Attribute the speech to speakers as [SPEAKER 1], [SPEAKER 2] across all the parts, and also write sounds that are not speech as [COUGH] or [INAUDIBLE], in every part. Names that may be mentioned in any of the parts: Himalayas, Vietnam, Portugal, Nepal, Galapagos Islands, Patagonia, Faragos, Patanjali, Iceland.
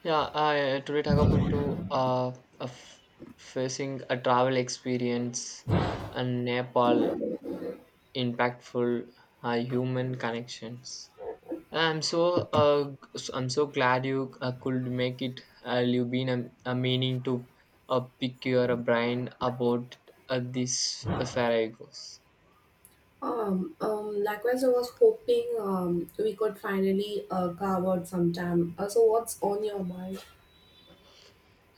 [SPEAKER 1] Yeah, I today talk about to a f- facing a travel experience and Nepal impactful human connections. I'm so uh, I'm so glad you could make it. You've been a meaning to pick your brain about this Faragos.
[SPEAKER 2] Likewise, I was hoping we could finally carve out some time. So, what's on your mind?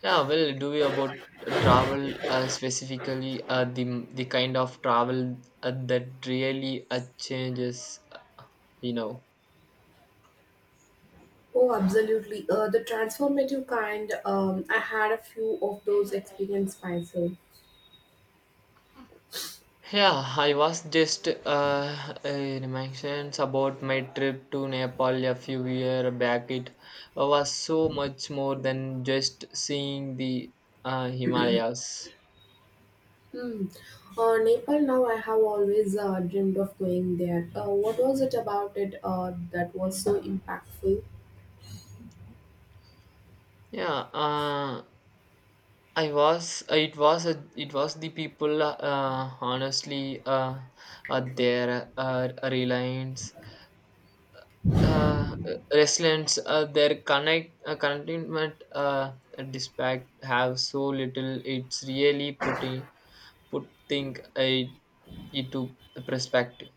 [SPEAKER 1] Yeah, well, do we about travel specifically the kind of travel that really changes, you know.
[SPEAKER 2] Oh, absolutely. The transformative kind, I had a few of those experiences myself.
[SPEAKER 1] Yeah, I was just mentions about my trip to Nepal a few years back. It was so much more than just seeing the Himalayas.
[SPEAKER 2] Hmm. Nepal, now I have always dreamed of going there. What was it about it that was so impactful?
[SPEAKER 1] Yeah, uh, I was it was it was the people honestly their reliance uh resilience their connect contentment despite have so little. It's really putting put think it into perspective.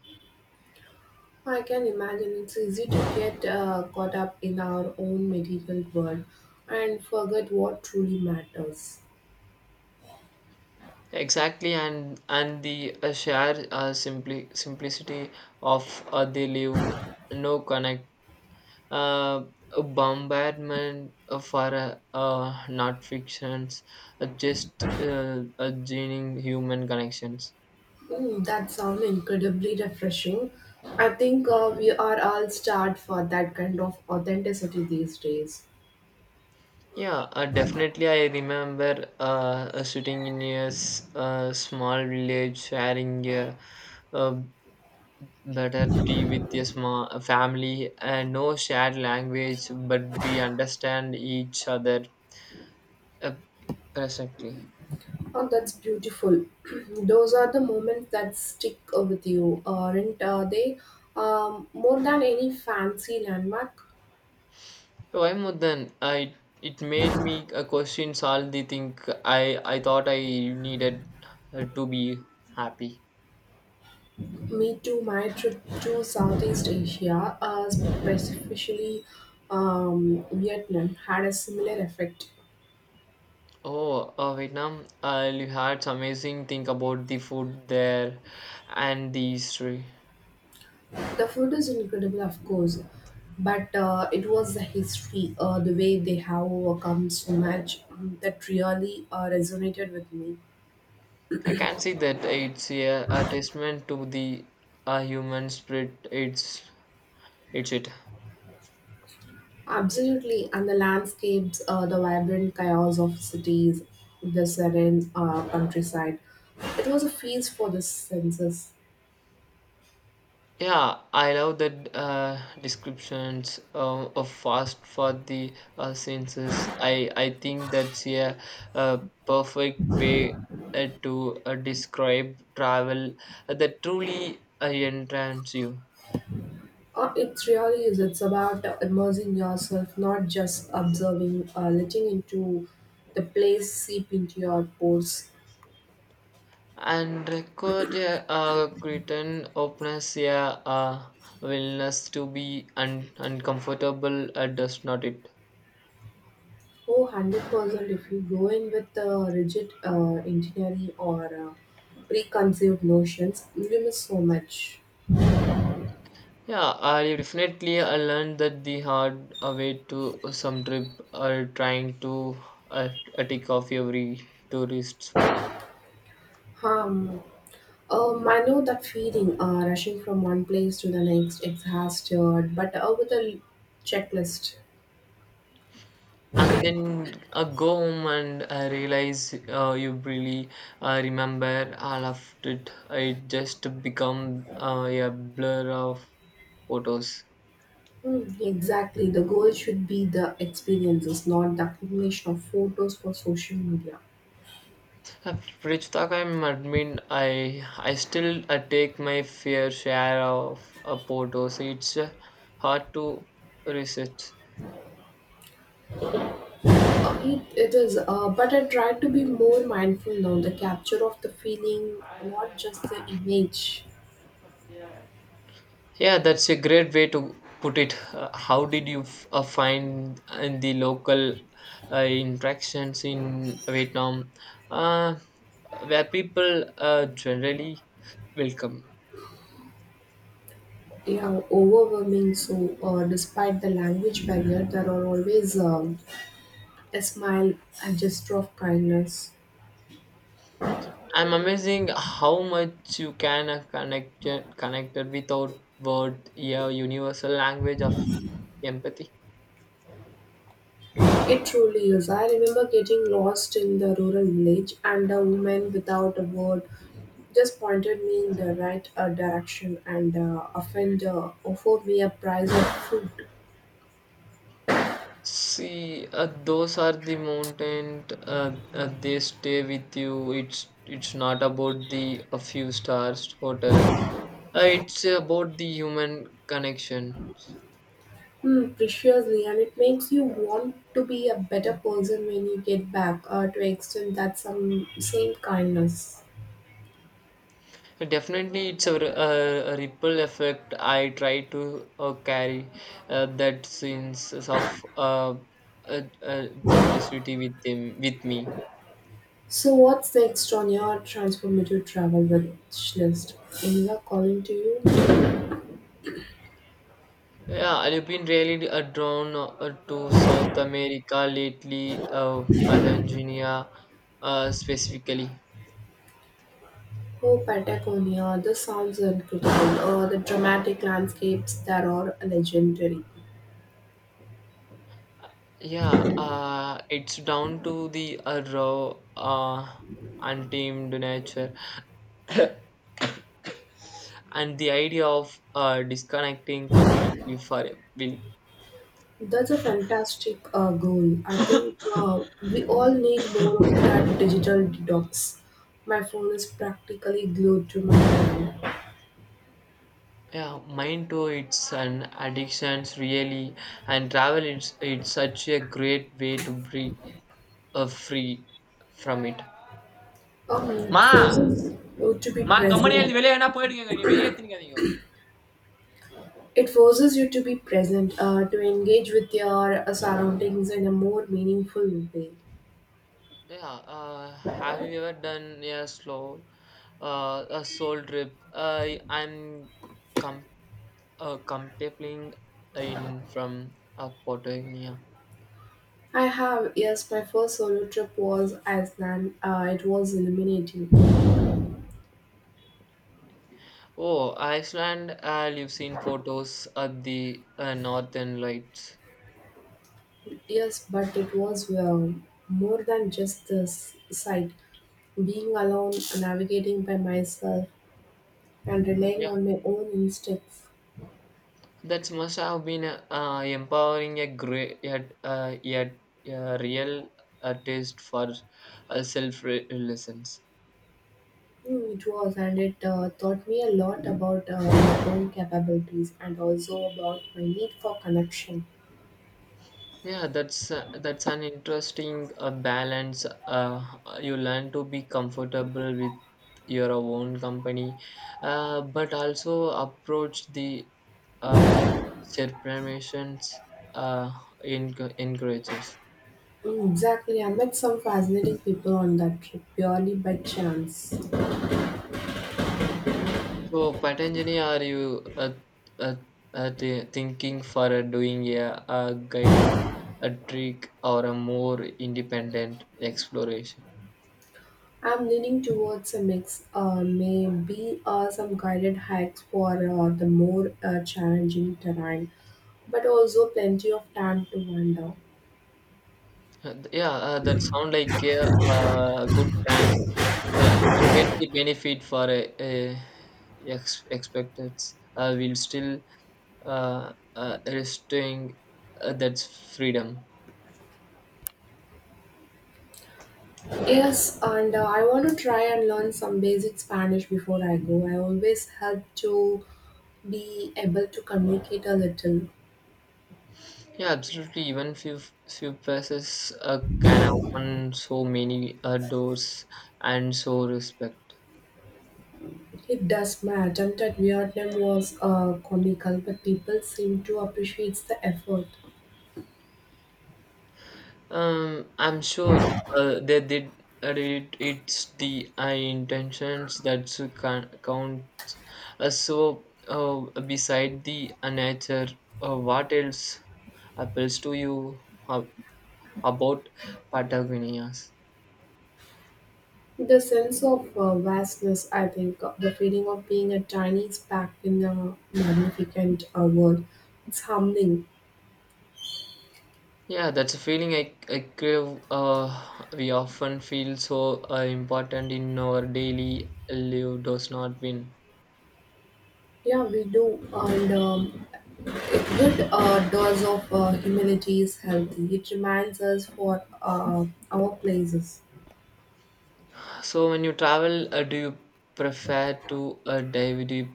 [SPEAKER 2] I can imagine it's easy to get caught up in our own material world and forget what truly matters.
[SPEAKER 1] Exactly, and the share simply simplicity of they live, no connect, uh, a bombardment for not fictions, just gaining human connections.
[SPEAKER 2] Mm, that sounds incredibly refreshing. I think we are all starved for that kind of authenticity these days.
[SPEAKER 1] Yeah, Definitely. I remember, sitting in small village, sharing a better tea with a family, and no shared language, but we understand each other uh, perfectly.
[SPEAKER 2] Oh, that's beautiful. [CLEARS THROAT] Those are the moments that stick with you, aren't they? More than any fancy landmark.
[SPEAKER 1] So I'm more than I. It made me a question all the thing I I thought I needed to be happy.
[SPEAKER 2] Me too, my trip to Southeast Asia, specifically Vietnam, had a similar effect.
[SPEAKER 1] Oh, Vietnam! I had some amazing thing about the food there and the history.
[SPEAKER 2] The food is incredible, of course, but it was the history, the way they have overcome so much that really resonated with me.
[SPEAKER 1] I can see that it's a testament to the human spirit. It's it.
[SPEAKER 2] Absolutely, and the landscapes, the vibrant chaos of cities, the serene countryside. It was a feast for the senses.
[SPEAKER 1] Yeah, I love the descriptions of fast for the senses. I think that's a, uh perfect way to describe travel that truly entrance you.
[SPEAKER 2] It really is. It's about immersing yourself, not just observing, letting into the place seep into your pores.
[SPEAKER 1] And record a curtain opens a uh, willingness to be uncomfortable, does not it?
[SPEAKER 2] Oh, 100% if you go in with rigid engineering or preconceived notions, you miss so much.
[SPEAKER 1] I learned that the hard way to some trip trying to uh, take off every tourist spot.
[SPEAKER 2] Um, I know that feeling, rushing from one place to the next, exhausted, but with a checklist.
[SPEAKER 1] And then go home and I realize you really remember all of it. It just become a blur of photos.
[SPEAKER 2] Hmm, exactly, the goal should be the experiences, not the accumulation of photos for social media.
[SPEAKER 1] Uh, Which talk I'm admin, I still take my fair share of photos. It's hard to resist.
[SPEAKER 2] It is, but I try to be more mindful now, the capture of the feeling, not just the image.
[SPEAKER 1] Yeah, that's a great way to put it. How did you find the local interactions in Vietnam? Uh, where people generally welcome.
[SPEAKER 2] Yeah, overwhelming. So, despite the language barrier, there are always a smile a gesture of kindness.
[SPEAKER 1] I'm amazing how much you can connected without word. Yeah, universal language of empathy.
[SPEAKER 2] It truly is. I remember getting lost in the rural village, and a woman without a word just pointed me in the right direction and often offered me a prize of food.
[SPEAKER 1] See, those are the mountain. They stay with you. It's not about the a few stars hotel. It's about the human connection.
[SPEAKER 2] Hmm, preciously and it makes you want to be a better person when you get back to extend that some same kindness.
[SPEAKER 1] Definitely, it's a ripple effect. I try to carry that sense of generosity with them with me.
[SPEAKER 2] So, what's next on your transformative travel wish list? India calling to you?
[SPEAKER 1] Yeah, I've been really drawn to South America lately, Patagonia specifically.
[SPEAKER 2] Oh, Patagonia, the sounds are incredible. Oh, the dramatic landscapes that are legendary.
[SPEAKER 1] Yeah, it's down to the raw, untamed nature and the idea of disconnecting completely for a week.
[SPEAKER 2] That's a fantastic goal. I think we all need more of that digital detox. My phone is practically glued to my hand.
[SPEAKER 1] Yeah, mine too. It's an addictions really, and travel it's such a great way to break free from it.
[SPEAKER 2] It
[SPEAKER 1] Ma.
[SPEAKER 2] forces you to be
[SPEAKER 1] మా గమ్మున
[SPEAKER 2] present.
[SPEAKER 1] ఎళ్ళి వెళ్ళేయనా పోయిడుங்க. நீ வெளிய திணிக்காதீங்கோ.
[SPEAKER 2] It forces you to be present, to engage with your surroundings in a more meaningful way.
[SPEAKER 1] Yeah, uh, have you ever done a slow, a soul trip? Uh, I'm com contemplating in from Portugal.
[SPEAKER 2] I have, yes, my first solo trip was Iceland. It was illuminating.
[SPEAKER 1] Oh, Iceland. You've seen photos of the northern lights.
[SPEAKER 2] Yes, but it was well, more than just the sight. Being alone, navigating by myself, and
[SPEAKER 1] Yeah,
[SPEAKER 2] relying on my own instincts.
[SPEAKER 1] that must have been empowering a great yet yet a real taste for self-reliance.
[SPEAKER 2] Mm, it was, and it taught me a lot about my own capabilities and also about my need for connection.
[SPEAKER 1] That's an interesting balance. You learn to be comfortable with your own company, but also approach the uh, surprimations uh, in encourages.
[SPEAKER 2] Mm, exactly. I met some fascinating people on that trip purely by chance.
[SPEAKER 1] So, Patanjali, are you uh, thinking for doing a guided a trick or a more independent exploration?
[SPEAKER 2] I'm leaning towards a mix, maybe some guided hikes for the more challenging terrain, but also plenty of time to wander.
[SPEAKER 1] Yeah, that sound like a good plan. You get the benefit for a expected will still restoring that's freedom.
[SPEAKER 2] Yes, and I want to try and learn some basic Spanish before I go. I always help to be able to communicate a little.
[SPEAKER 1] Yeah, absolutely, even few passes can open so many doors and so respect.
[SPEAKER 2] It does. My attempt at Vietnam was comical, but people seem to appreciate the effort.
[SPEAKER 1] I'm sure they did. It's the intentions that counts. So, beside the nature, what else appeals to you ab- about Patagonias?
[SPEAKER 2] The sense of vastness, I think, the feeling of being a tiny speck in a magnificent world. It's humbling.
[SPEAKER 1] Yeah, that's a feeling I crave. We often feel so important in our daily life does not win.
[SPEAKER 2] Yeah, we do. And a good dose of humility is healthy. It reminds us for our places.
[SPEAKER 1] So when you travel, do you prefer to dive deep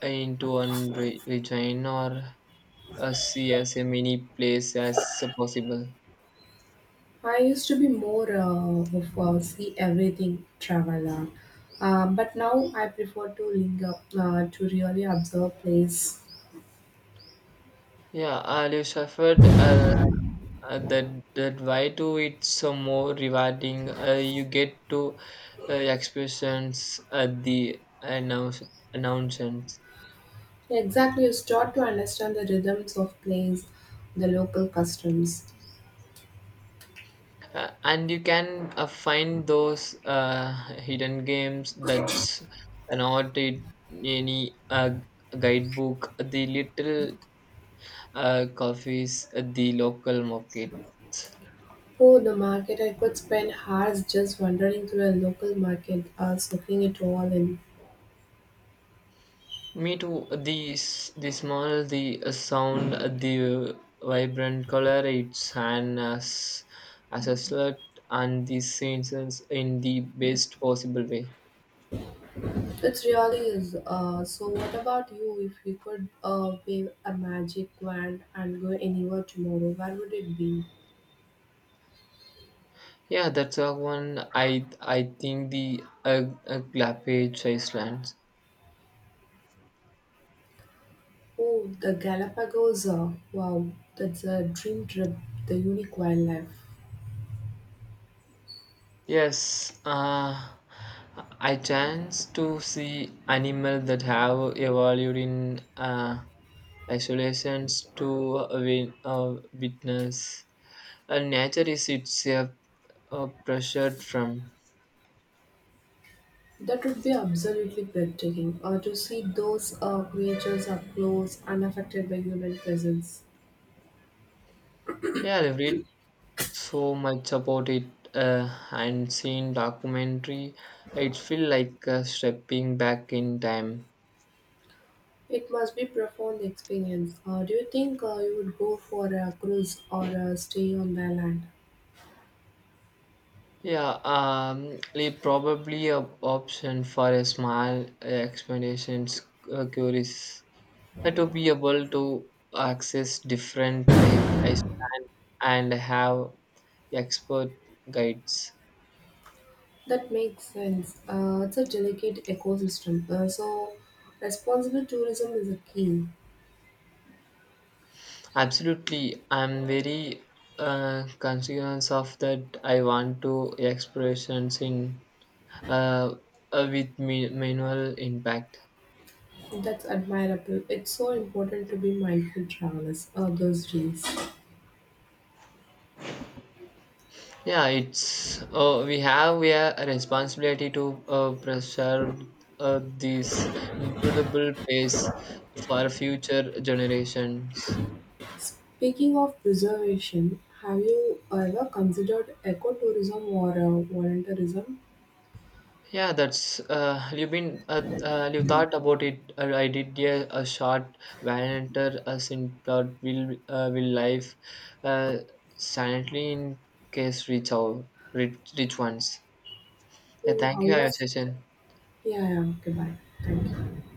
[SPEAKER 1] into one region or see as a many place as possible?
[SPEAKER 2] I used to be more of a see everything traveler, but now I prefer to linger to really observe place.
[SPEAKER 1] Yeah, you suffered that why do it's so more rewarding. You get to experience at the announcements.
[SPEAKER 2] Exactly, you start to understand the rhythms of place, the local customs.
[SPEAKER 1] And you can find those hidden games that's not in any guidebook, the little coffees at the local markets.
[SPEAKER 2] Oh, the market! I could spend hours just wandering through a local market, soaking it all in.
[SPEAKER 1] Me too, the, the small, the sound, the vibrant color, it's an as a slut and the senses in the best possible way.
[SPEAKER 2] It really is. So, what about you? If you could wave a magic wand and go anywhere tomorrow, where would it be?
[SPEAKER 1] Yeah, that's a one. I think the Claphage Islands.
[SPEAKER 2] Oh, the Galapagos. Wow, that's a dream trip. The unique wildlife.
[SPEAKER 1] Yes, I chance to see animal that have evolved in isolations to win, witness. Nature is itself pressured from.
[SPEAKER 2] That would be absolutely breathtaking to see those creatures up close, unaffected by human presence.
[SPEAKER 1] Yeah, I've read so much about it and seen documentary. It feel like stepping back in time.
[SPEAKER 2] It must be profound experience. Do you think you would go for a cruise or a stay on the land?
[SPEAKER 1] Yeah, like probably a option for a small expeditions, curious to be able to access different I and have expert guides.
[SPEAKER 2] That makes sense. It's a delicate ecosystem, so responsible tourism is a key.
[SPEAKER 1] Absolutely, I'm very conscious of that. I want to explorations in uh, with minimal impact.
[SPEAKER 2] That's admirable. It's so important to be mindful travelers those days.
[SPEAKER 1] Yeah, it's we have a responsibility to preserve this incredible place for future generations.
[SPEAKER 2] Speaking of preservation, have you ever considered ecotourism or volunteerism?
[SPEAKER 1] Yeah, that's You've been you thought about it. I did, yeah, a short Valenter as in plot will life uh, silently in case reach out rich, rich ones. Yeah,
[SPEAKER 2] Oh,
[SPEAKER 1] thank
[SPEAKER 2] how
[SPEAKER 1] you for your
[SPEAKER 2] was.
[SPEAKER 1] session.
[SPEAKER 2] Yeah, yeah, okay, bye. Thank you.